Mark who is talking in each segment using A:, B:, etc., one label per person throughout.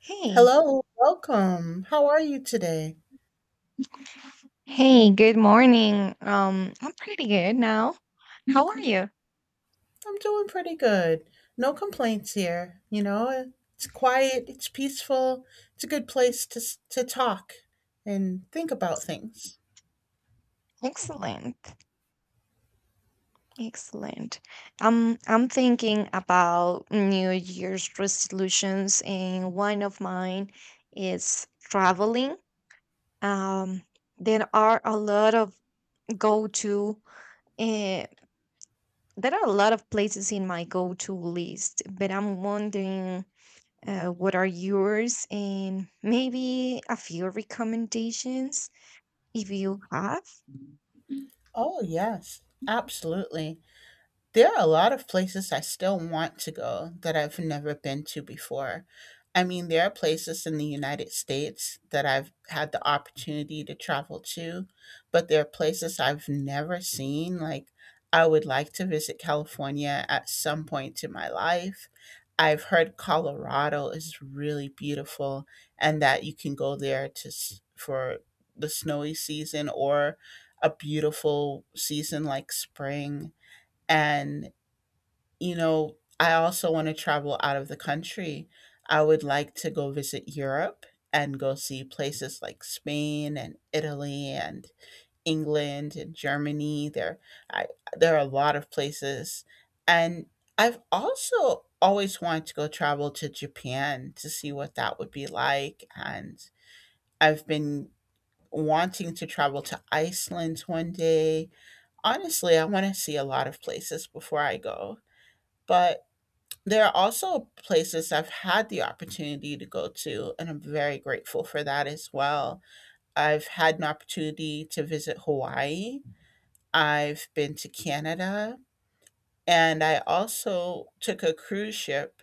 A: Hey,
B: Hello, welcome. How are you today?
A: hey, good morning. I'm pretty good now. How are you?
B: I'm doing pretty good. No complaints here. It's quiet, it's peaceful, it's a good place to to talk and think about things.
A: Excellent. Excellent. I'm thinking about New Year's resolutions, and one of mine is traveling. Um, there are a lot of go-to, uh, there are a lot of places in my go-to list, but I'm wondering, what are yours and maybe a few recommendations? If you have? Mm.
B: Oh, yes, absolutely. There are a lot of places I still want to go that I've never been to before. I mean, there are places in the United States that I've had the opportunity to travel to, but there are places I've never seen. Like, I would like to visit California at some point in my life. I've heard Colorado is really beautiful and that you can go there to for the snowy season or a beautiful season like spring. And I also want to travel out of the country. I would like to go visit Europe and go see places like Spain and Italy and England and Germany. I, there are a lot of places. And I've also always wanted to go travel to Japan to see what that would be like. And I've been wanting to travel to Iceland one day. Honestly, I want to see a lot of places before I go. But there are also places I've had the opportunity to go to, and I'm very grateful for that as well. I've had an opportunity to visit Hawaii, I've been to Canada, and I also took a cruise ship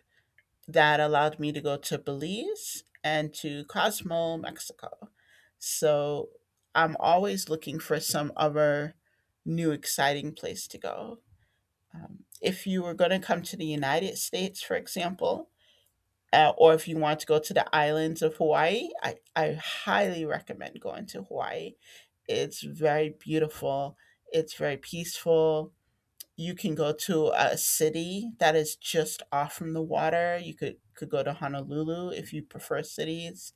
B: that allowed me to go to Belize and to Cozumel, Mexico. So I'm always looking for some other new exciting place to go. If you were going to come to the United States, for example, or if you want to go to the islands of Hawaii, I highly recommend going to Hawaii. It's very beautiful, it's very peaceful. You can go to a city that is just off from the water. You could go to Honolulu if you prefer cities.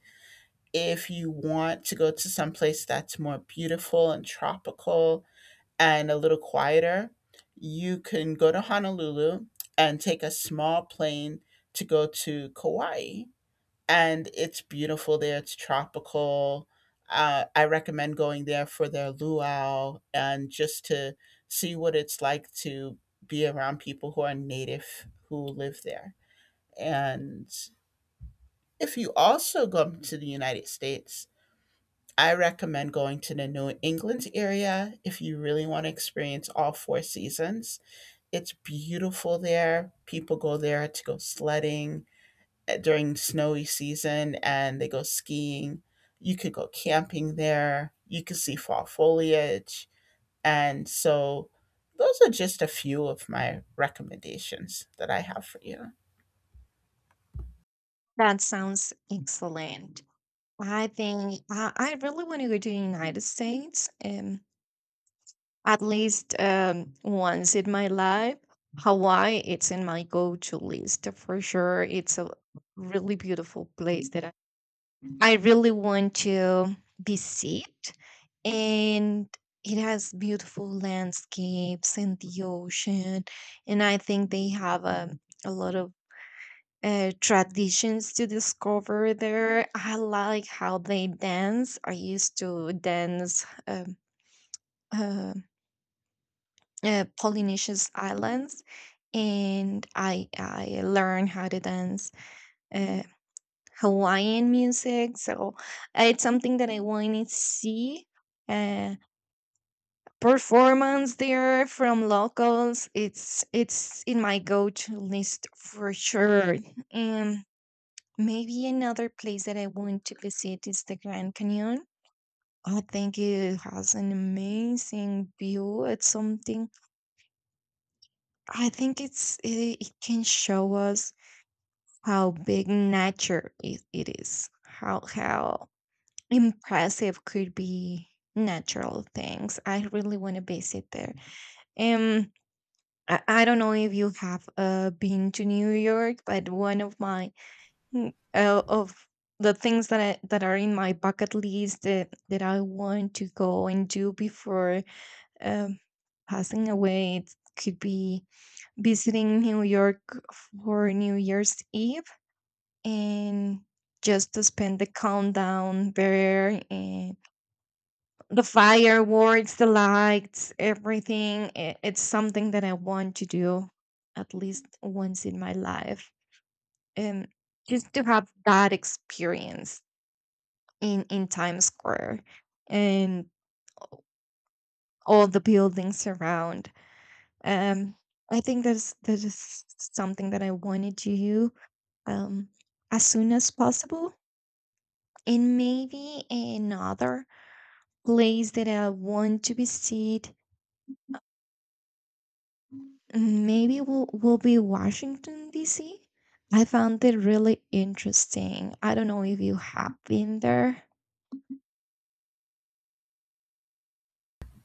B: If you want to go to some place that's more beautiful and tropical and a little quieter, you can go to Honolulu and take a small plane to go to Kauai and it's beautiful there. It's tropical. I recommend going there for their luau and just to see what it's like to be around people who are native who live there. And if you also go to the United States, I recommend going to the New England area if you really want to experience all four seasons. It's beautiful there. People go there to go sledding during snowy season and they go skiing. You could go camping there. You could see fall foliage. And so those are just a few of my recommendations that I have for you.
A: That sounds excellent. I think I really want to go to the United States. At least once in my life, Hawaii, it's in my go-to list for sure. It's a really beautiful place that I really want to visit. And it has beautiful landscapes and the ocean. And I think they have a lot of traditions to discover there. I like how they dance. I used to dance uh, Polynesian islands, and I learned how to dance uh, Hawaiian music. So it's something that I wanted to see uh, performance there from locals. It's in my go to list for sure. And maybe another place that I want to visit is the Grand Canyon. I think it has an amazing view. It's something I think it can show us how big nature it is, how impressive could be natural things. I really want to visit there. Um, I don't know if you have been to New York, but one of my mm, of the things that are in my bucket list that I want to go and do before um, passing away it could be visiting New York for New Year's Eve and just to spend the countdown there and the fireworks, the lights, everything. It's something that I want to do at least once in my life. And just to have that experience in Times Square and all the buildings around. Um, I think that is something that I wanted to do um, as soon as possible, and maybe another place that I want to visit mm, maybe will be Washington D.C. I found it really interesting. I don't know if you have been there.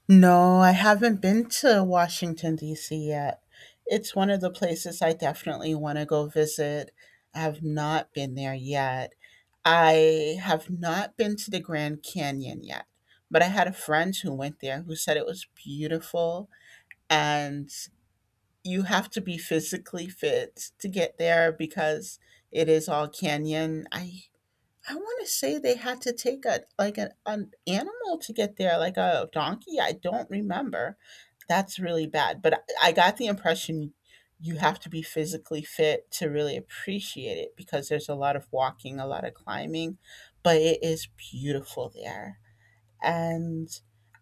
B: No, I haven't been to Washington, D.C. yet. It's one of the places I definitely want to go visit. I have not been there yet. I have not been to the Grand Canyon yet, but I had a friend who went there who said it was beautiful and you have to be physically fit to get there because it is all canyon. I want to say they had to take a like an animal to get there, like a donkey. I don't remember. That's really bad. But I got the impression you have to be physically fit to really appreciate it because there's a lot of walking, a lot of climbing, but it is beautiful there. And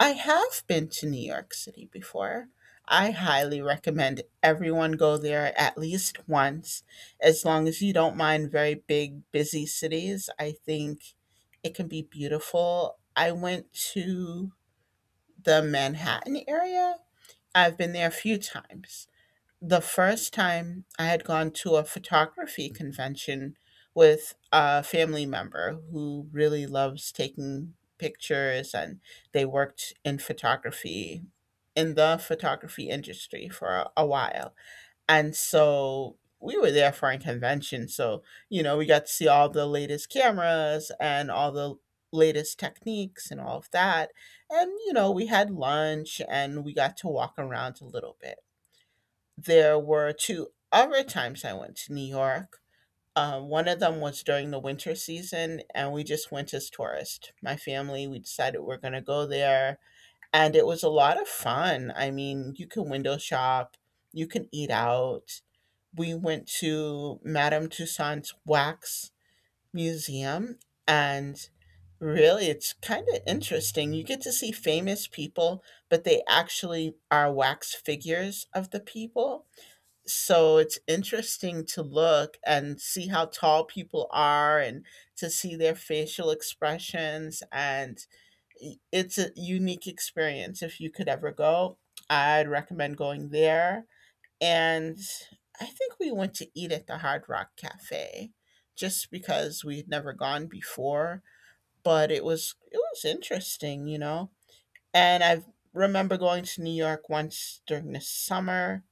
B: I have been to New York City before. I highly recommend everyone go there at least once, as long as you don't mind very big, busy cities. I think it can be beautiful. I went to the Manhattan area. I've been there a few times. The first time I had gone to a photography convention with a family member who really loves taking pictures and they worked in photography in the photography industry for a while. And so we were there for a convention. So, we got to see all the latest cameras and all the latest techniques and all of that. And we had lunch and we got to walk around a little bit. There were two other times I went to New York. One of them was during the winter season, and we just went as tourists. My family, we decided we're going to go there, and it was a lot of fun. I mean, you can window shop, you can eat out. We went to Madame Tussauds Wax Museum, and really, it's kind of interesting. You get to see famous people, but they actually are wax figures of the people so it's interesting to look and see how tall people are and to see their facial expressions, and it's a unique experience. If you could ever go, I'd recommend going there. And I think we went to eat at the Hard Rock Cafe just because we had never gone before, but it was interesting. And I remember going to New York once during the summer,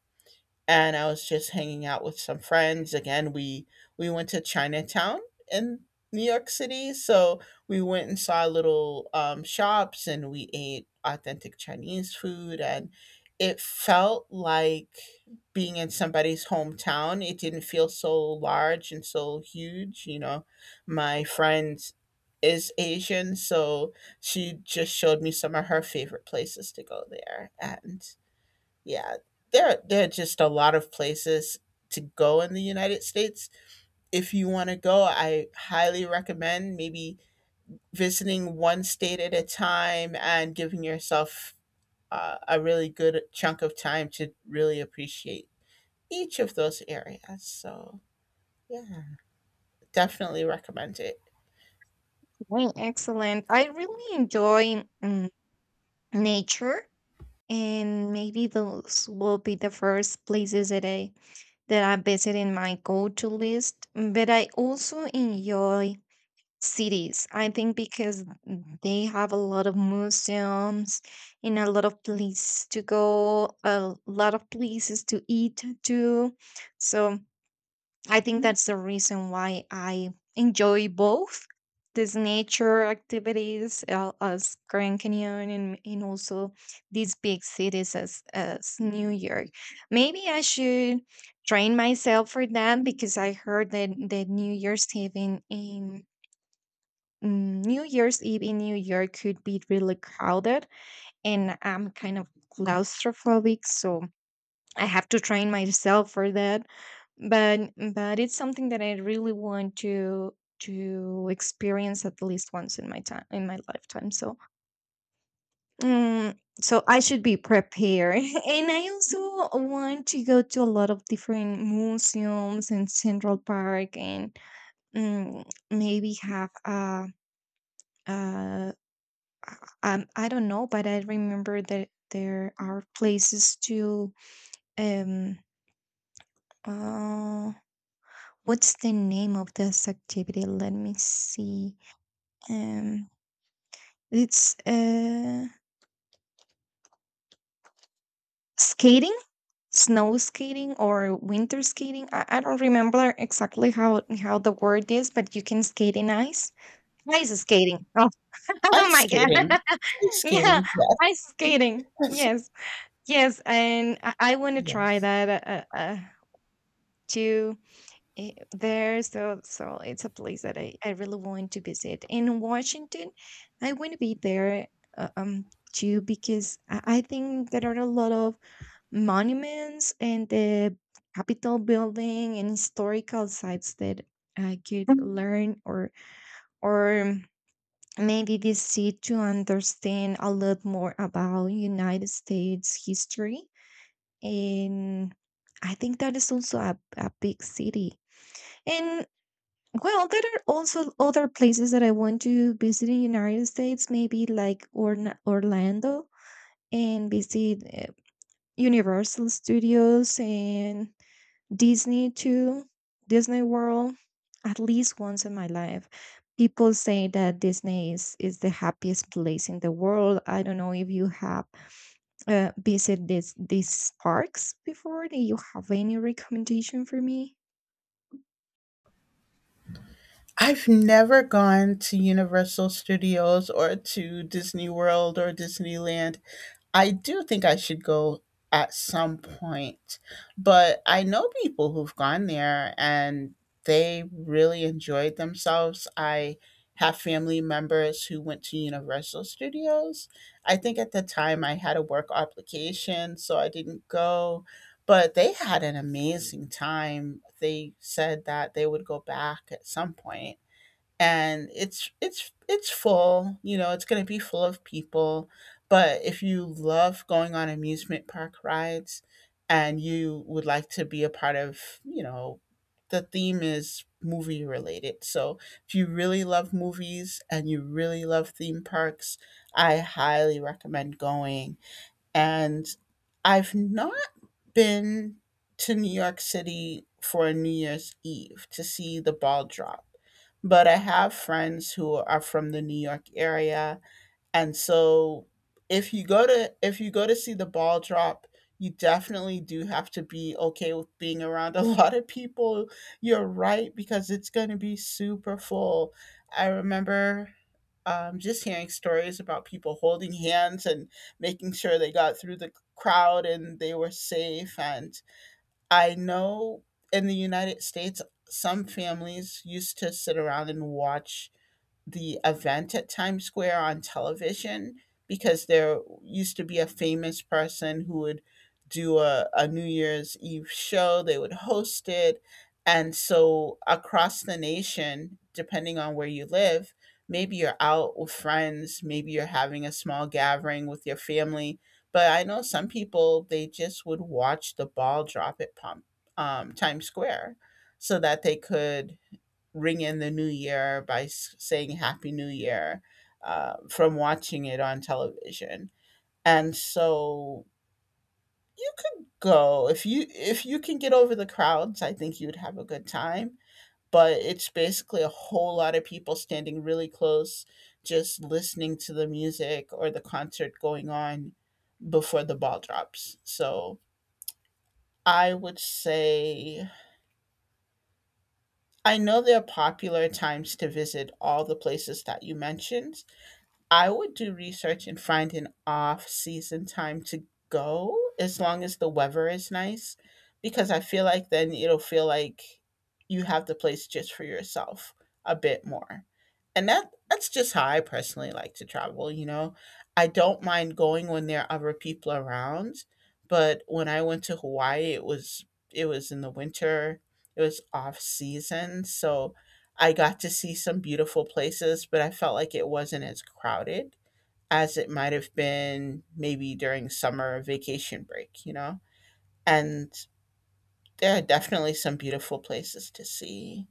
B: and I was just hanging out with some friends. Again, we went to Chinatown in New York City, so we went and saw little shops and we ate authentic Chinese food, and it felt like being in somebody's hometown. It didn't feel so large and so huge. My friend is Asian, so she just showed me some of her favorite places to go there, and yeah, there are just a lot of places to go in the United States. If you want to go, I highly recommend maybe visiting one state at a time and giving yourself a really good chunk of time to really appreciate each of those areas. So, yeah, definitely recommend it.
A: Right, excellent. I really enjoy nature, and maybe those will be the first places that I visit in my go to list. But I also enjoy cities. I think because they have a lot of museums and a lot of places to go, a lot of places to eat too. So I think that's the reason why I enjoy both these nature activities as Grand Canyon and also these big cities as New York. Maybe I should train myself for that because I heard that New Year's Eve in New Year's Eve in New York could be really crowded, and I'm kind of claustrophobic, so I have to train myself for that. But it's something that I really want to experience at least once in my time in my lifetime. So mm, so I should be prepared, and I also want to go to a lot of different museums and Central Park, and mm, maybe have a. Uh, I don't know, but I remember that there are places to um uh what's the name of this activity? Let me see. Um it's Skating, snow skating or winter skating. I don't remember exactly how the word is, but you can skate in ice. Ice skating. Oh, oh
B: Ice
A: my god.
B: skating. Ice
A: Yeah,
B: skating.
A: ice skating.
B: Yes.
A: Yes. Yes, and I want to try
B: Yes.
A: that. To there so it's a place that I really want to visit in washington I want to be there uh, um too because I think there are a lot of monuments and the capitol building and historical sites that I could learn or maybe visit to understand a lot more about united states history and I think that is also a big city and well, there are also other places that I want to visit in United States, maybe like Orna Orlando and visit Universal Studios and Disney too, Disney World at least once in my life. People say that Disney is the happiest place in the world. I don't know if you have visit this these parks before? Do you have any recommendation for me?
B: I've never gone to Universal Studios or to Disney World or Disneyland. I do think I should go at some point, but I know people who've gone there and they really enjoyed themselves. I have family members who went to Universal Studios. I think at the time I had a work obligation, so I didn't go, but they had an amazing time. They said that they would go back at some point. And it's full. It's going to be full of people. But if you love going on amusement park rides and you would like to be a part of the theme is movie related. So if you really love movies and you really love theme parks, I highly recommend going. And I've not been to New York City for New Year's Eve to see the ball drop, but I have friends who are from the New York area. And so if you go to see the ball drop, you definitely do have to be okay with being around a lot of people. You're right because it's going to be super full. I remember just hearing stories about people holding hands and making sure they got through the crowd and they were safe. And I know in the United States, some families used to sit around and watch the event at Times Square on television because there used to be a famous person who would do a New Year's Eve show, they would host it. And so, across the nation, depending on where you live, maybe you're out with friends, maybe you're having a small gathering with your family. But I know some people, they just would watch the ball drop at Times Square so that they could ring in the new year by saying Happy New Year from watching it on television. And so you could go if you can get over the crowds. I think you'd have a good time. But it's basically a whole lot of people standing really close, just listening to the music or the concert going on before the ball drops. So I would say I know there are popular times to visit all the places that you mentioned. I would do research and find an off season time to go as long as the weather is nice because I feel like then it'll feel like you have the place just for yourself a bit more. And that's just how I personally like to travel. I don't mind going when there are other people around, but when I went to Hawaii it was in the winter. It was off season, so I got to see some beautiful places, but I felt like it wasn't as crowded as it might have been maybe during summer vacation break, you know? And there are definitely some beautiful places to see.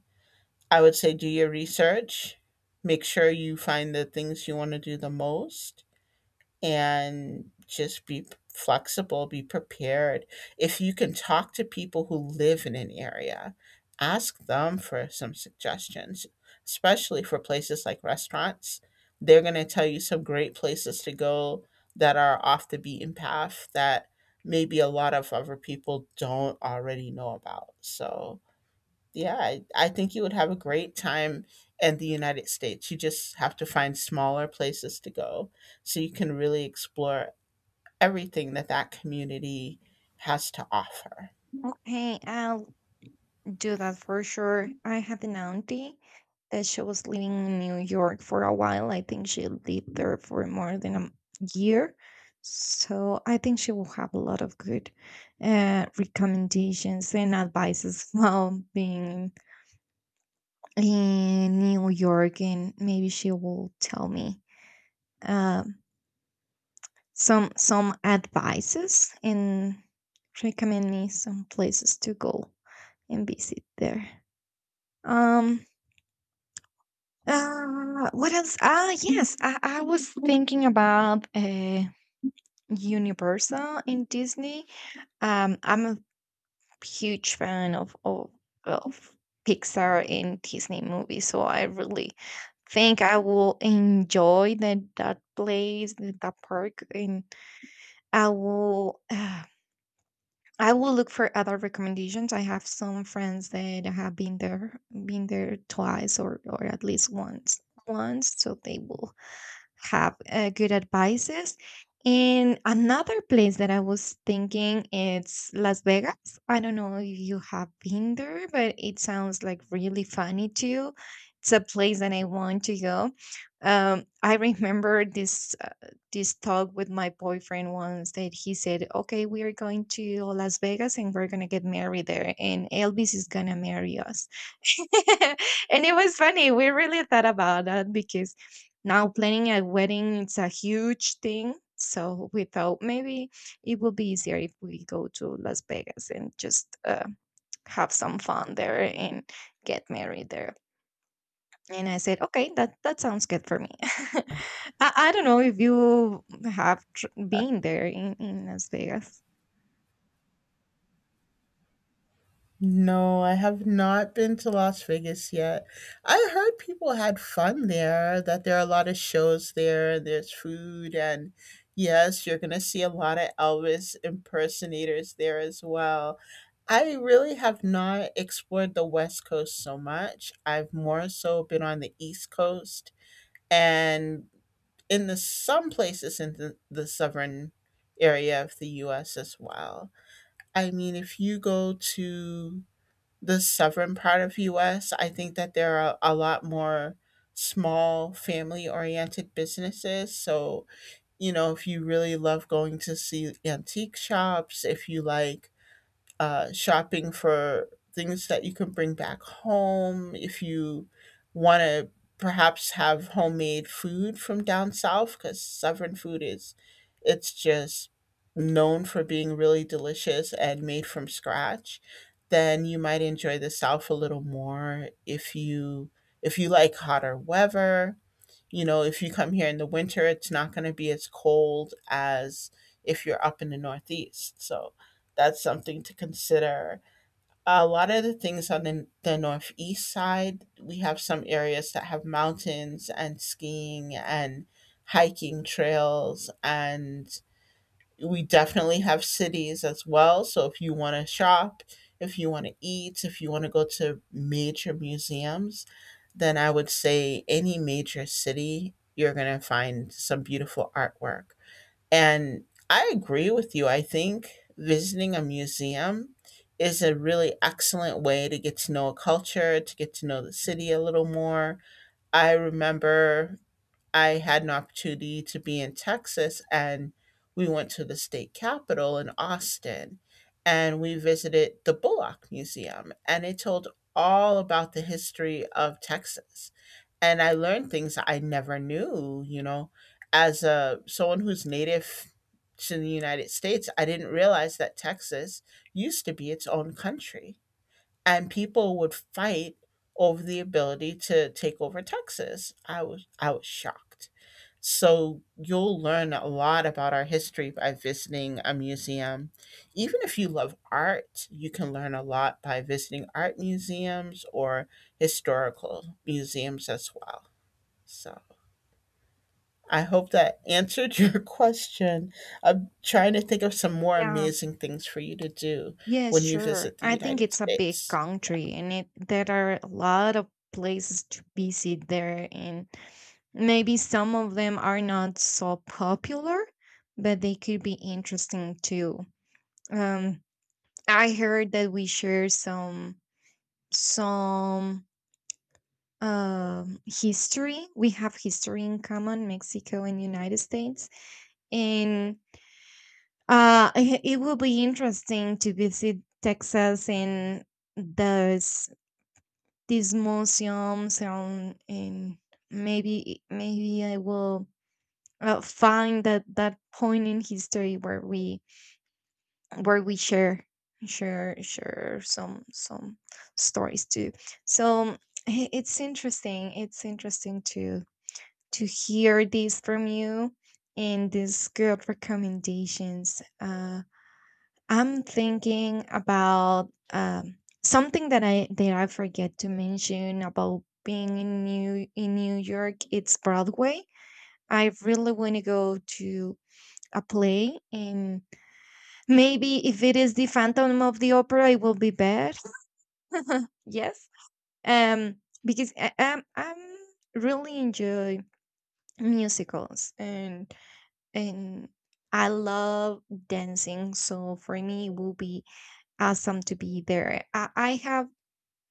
B: I would say do your research, make sure you find the things you want to do the most, and just be flexible, be prepared. If you can talk to people who live in an area, ask them for some suggestions, especially for places like restaurants. They're going to tell you some great places to go that are off the beaten path that maybe a lot of other people don't already know about. So, yeah, I think you would have a great time in the United States. You just have to find smaller places to go so you can really explore everything that that community has to offer.
A: Okay, do that for sure. I had an auntie that she was living in New York for a while. I think she lived there for more than a year. So I think she will have a lot of good recommendations and advices while being in New York, and maybe she will tell me um, some some advices and recommend me some places to go and visit there. Um, what else? Ah, yes, I was thinking about Universal in Disney. I'm a huge fan of Pixar and Disney movies, so I really think I will enjoy that place, that park, and I will. I will look for other recommendations. I have some friends that have been there twice or at least once, once, so they will have good advices. And another place that I was thinking it's Las Vegas. I don't know if you have been there, but it sounds like really funny too. It's a place that I want to go. I remember this talk with my boyfriend once that he said, "Okay, we are going to Las Vegas and we're gonna get married there, and Elvis is gonna marry us." And it was funny. We really thought about that because now planning a wedding it's a huge thing. So we thought maybe it would be easier if we go to Las Vegas and just have some fun there and get married there. And I said, okay, that sounds good for me. I don't know if you have been there in Las Vegas.
B: No, I have not been to Las Vegas yet. I heard people had fun there, that there are a lot of shows there, and there's food, and yes, you're going to see a lot of Elvis impersonators there as well. I really have not explored the West Coast so much. I've more so been on the East Coast and in the some places in the southern area of the US as well. I mean, if you go to the southern part of US, I think that there are a lot more small family-oriented businesses. So, you know, if you really love going to see antique shops, if you like shopping for things that you can bring back home. If you want to perhaps have homemade food from down south, because southern food is, it's just known for being really delicious and made from scratch, then you might enjoy the south a little more. If you like hotter weather, you know, if you come here in the winter, it's not going to be as cold as if you're up in the Northeast. So that's something to consider. A lot of the things on the Northeast side, we have some areas that have mountains and skiing and hiking trails and we definitely have cities as well. So if you want to shop, if you want to eat, if you want to go to major museums, then I would say any major city, you're going to find some beautiful artwork. And I agree with you. I think visiting a museum is a really excellent way to get to know a culture, to get to know the city a little more. I remember I had an opportunity to be in Texas and we went to the state capitol in Austin and we visited the Bullock Museum and it told all about the history of Texas. And I learned things I never knew, you know, as a someone who's native to the United States, I didn't realize that Texas used to be its own country and people would fight over the ability to take over Texas. I was shocked. So you'll learn a lot about our history by visiting a museum. Even if you love art, you can learn a lot by visiting art museums or historical museums as well. So I hope that answered your question. I'm trying to think of some more
A: Yeah.
B: amazing things for you to do
A: Yeah,
B: when you
A: sure.
B: visit the
A: I think
B: United
A: it's a big
B: States.
A: country and it there are a lot of places to visit there and maybe some of them are not so popular, but they could be interesting too. Um, I heard that we share some history. We have history in common, Mexico and United States, and it it will be interesting to visit Texas and those these museums and maybe I will find that point in history where we share some stories too so it's interesting to hear this from you and these good recommendations I'm thinking about something that I forget to mention about being in new york it's broadway I really want to go to a play and maybe if it is the phantom of the opera it will be bad yes um because I'm really enjoy musicals and I love dancing so for me it will be awesome to be there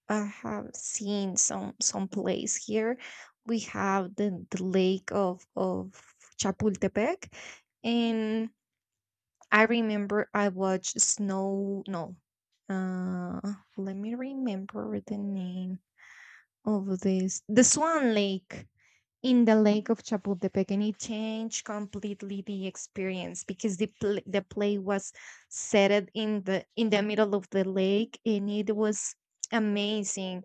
A: I have seen some plays here we have the lake of chapultepec and I remember I watched Snow. No, uh, let me remember the name of this. The Swan Lake in the lake of Chapultepec, and it changed completely the experience because the play was set it in the middle of the lake, and it was amazing.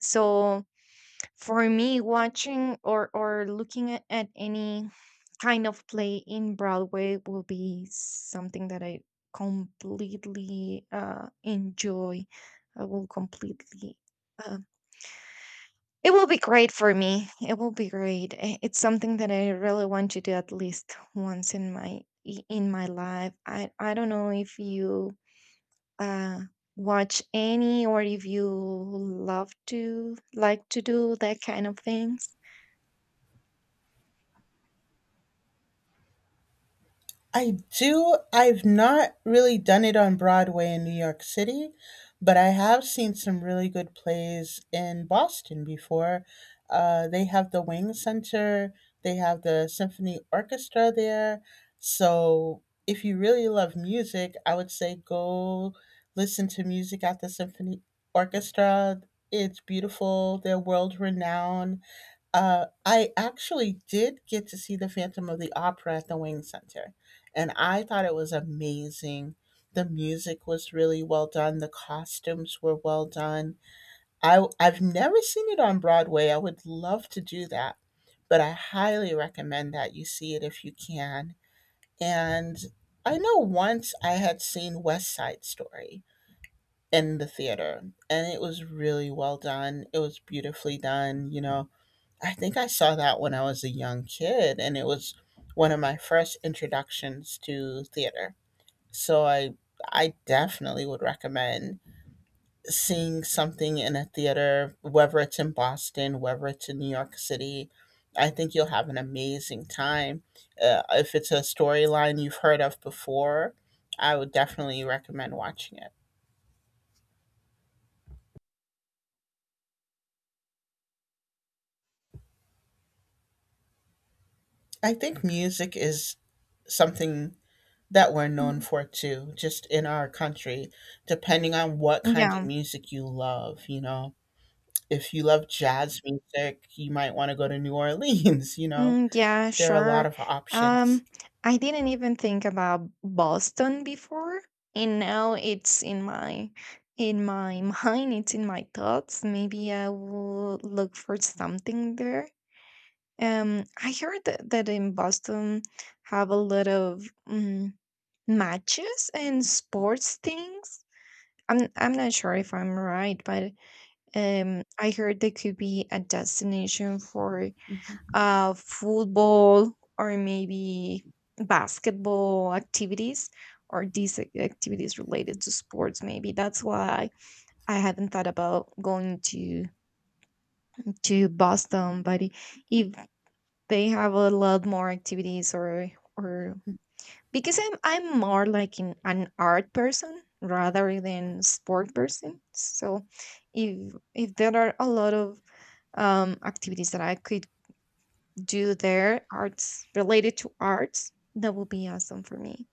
A: So for me, watching or looking at any kind of play in Broadway will be something that I completely enjoy. I will completely. Uh, it will be great for me. It will be great. It's something that I really want to do at least once in my in my life. I don't know if you uh watch any or if you love to like to do that kind of things.
B: I do. I've not really done it on Broadway in New York City, but I have seen some really good plays in Boston before. They have the Wing Center, they have the Symphony Orchestra there. So if you really love music, I would say go listen to music at the Symphony Orchestra. It's beautiful, they're world renowned I actually did get to see The Phantom of the Opera at the Wing Center, and I thought it was amazing. The music was really well done. The costumes were well done. I've never seen it on Broadway. I would love to do that, but I highly recommend that you see it if you can. And I know once I had seen West Side Story in the theater, and it was really well done. It was beautifully done, you know, I think I saw that when I was a young kid, and it was one of my first introductions to theater. So I definitely would recommend seeing something in a theater, whether it's in Boston, whether it's in New York City. I think you'll have an amazing time. If it's a storyline you've heard of before, I would definitely recommend watching it. I think music is something that we're known for too, just in our country, depending on what kind of
A: Yeah.
B: music you love, you know. If you love jazz music, you might want to go to New Orleans, you know.
A: Mm, yeah,
B: There are a lot
A: sure.
B: of options.
A: Um, I didn't even think about Boston before, and now it's in my mind, it's in my thoughts. Maybe I will look for something there. I heard that in Boston have a lot of matches and sports things. I'm not sure if I'm right, but I heard they could be a destination for
B: Mhm.
A: football or maybe basketball activities or these activities related to sports maybe that's why I hadn't thought about going to boston but if they have a lot more activities or because I'm more like an art person rather than sport person so if there are a lot of activities that I could do their arts related to arts, that will be awesome for me.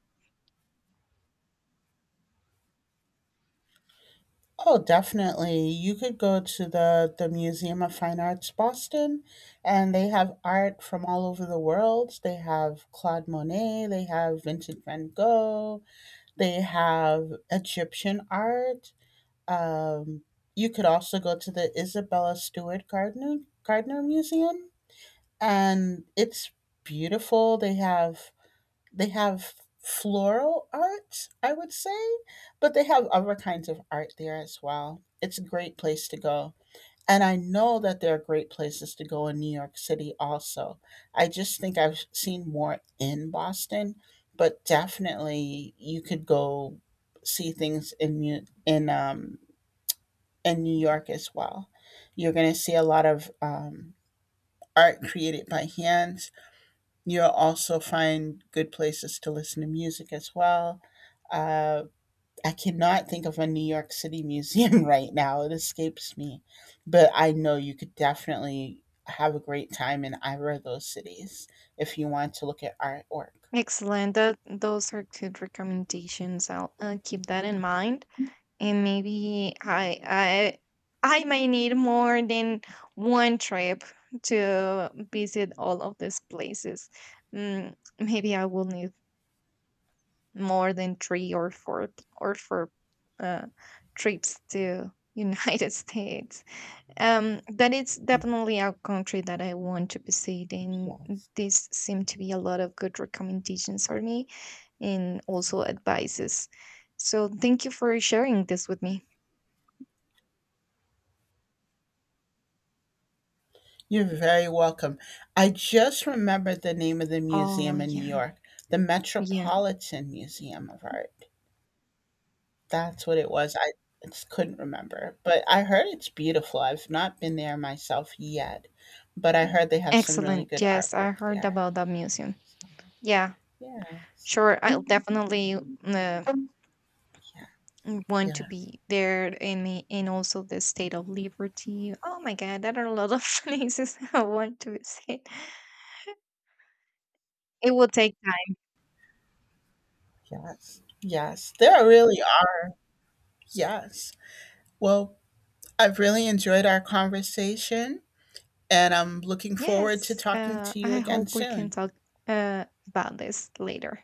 B: Oh, definitely. You could go to the Museum of Fine Arts Boston and they have art from all over the world. They have Claude Monet, they have Vincent van Gogh, they have Egyptian art. Um, you could also go to the Isabella Stewart Gardner Museum, and it's beautiful. They have floral art, I would say, but they have other kinds of art there as well. It's a great place to go. And I know that there are great places to go in New York City also. I just think I've seen more in Boston, but definitely you could go see things in and New York as well. You're going to see a lot of art created by hands. You'll also find good places to listen to music as well. Uh, I cannot think of a New York City museum right now, it escapes me. But I know you could definitely have a great time in either of those cities if you want to look at artwork.
A: Excellent. That those are good recommendations. I'll keep that in mind, and maybe I might need more than one trip to visit all of these places. Mm, Maybe I will need more than three or four uh, trips to United States. That is
B: Mm,
A: definitely a country that I want to visit, and
B: yes.
A: this seem to be a lot of good recommendations for me and also advices. So thank you for sharing this with me.
B: You're very welcome. I just remembered the name of the
A: Oh
B: museum in New
A: yeah,
B: York, the
A: yeah,
B: Metropolitan Museum of Art. That's what it was. I just couldn't remember, but I heard it's beautiful. I've not been there myself yet, but I heard they have some really
A: excellent.
B: good
A: Yes, I
B: artwork
A: heard
B: there.
A: about that museum.
B: So,
A: Yeah,
B: yeah,
A: sure. I'll definitely uh,
B: yeah,
A: want to
B: yeah,
A: be there, and and also the State of Liberty. Oh my God, there are a lot of places I want to visit. It will take
B: yes. There really are. Yes. Well, I've really enjoyed our conversation, and I'm looking forward to
A: yes,
B: talking to you
A: I
B: again
A: hope we can
B: soon.
A: talk about this later.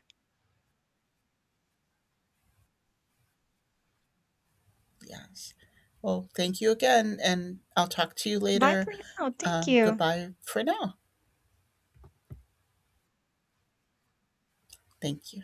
B: Yes. Well, thank you again, and I'll talk to you
A: Bye
B: later.
A: for now. Thank
B: Um,
A: you.
B: goodbye for now. Thank you.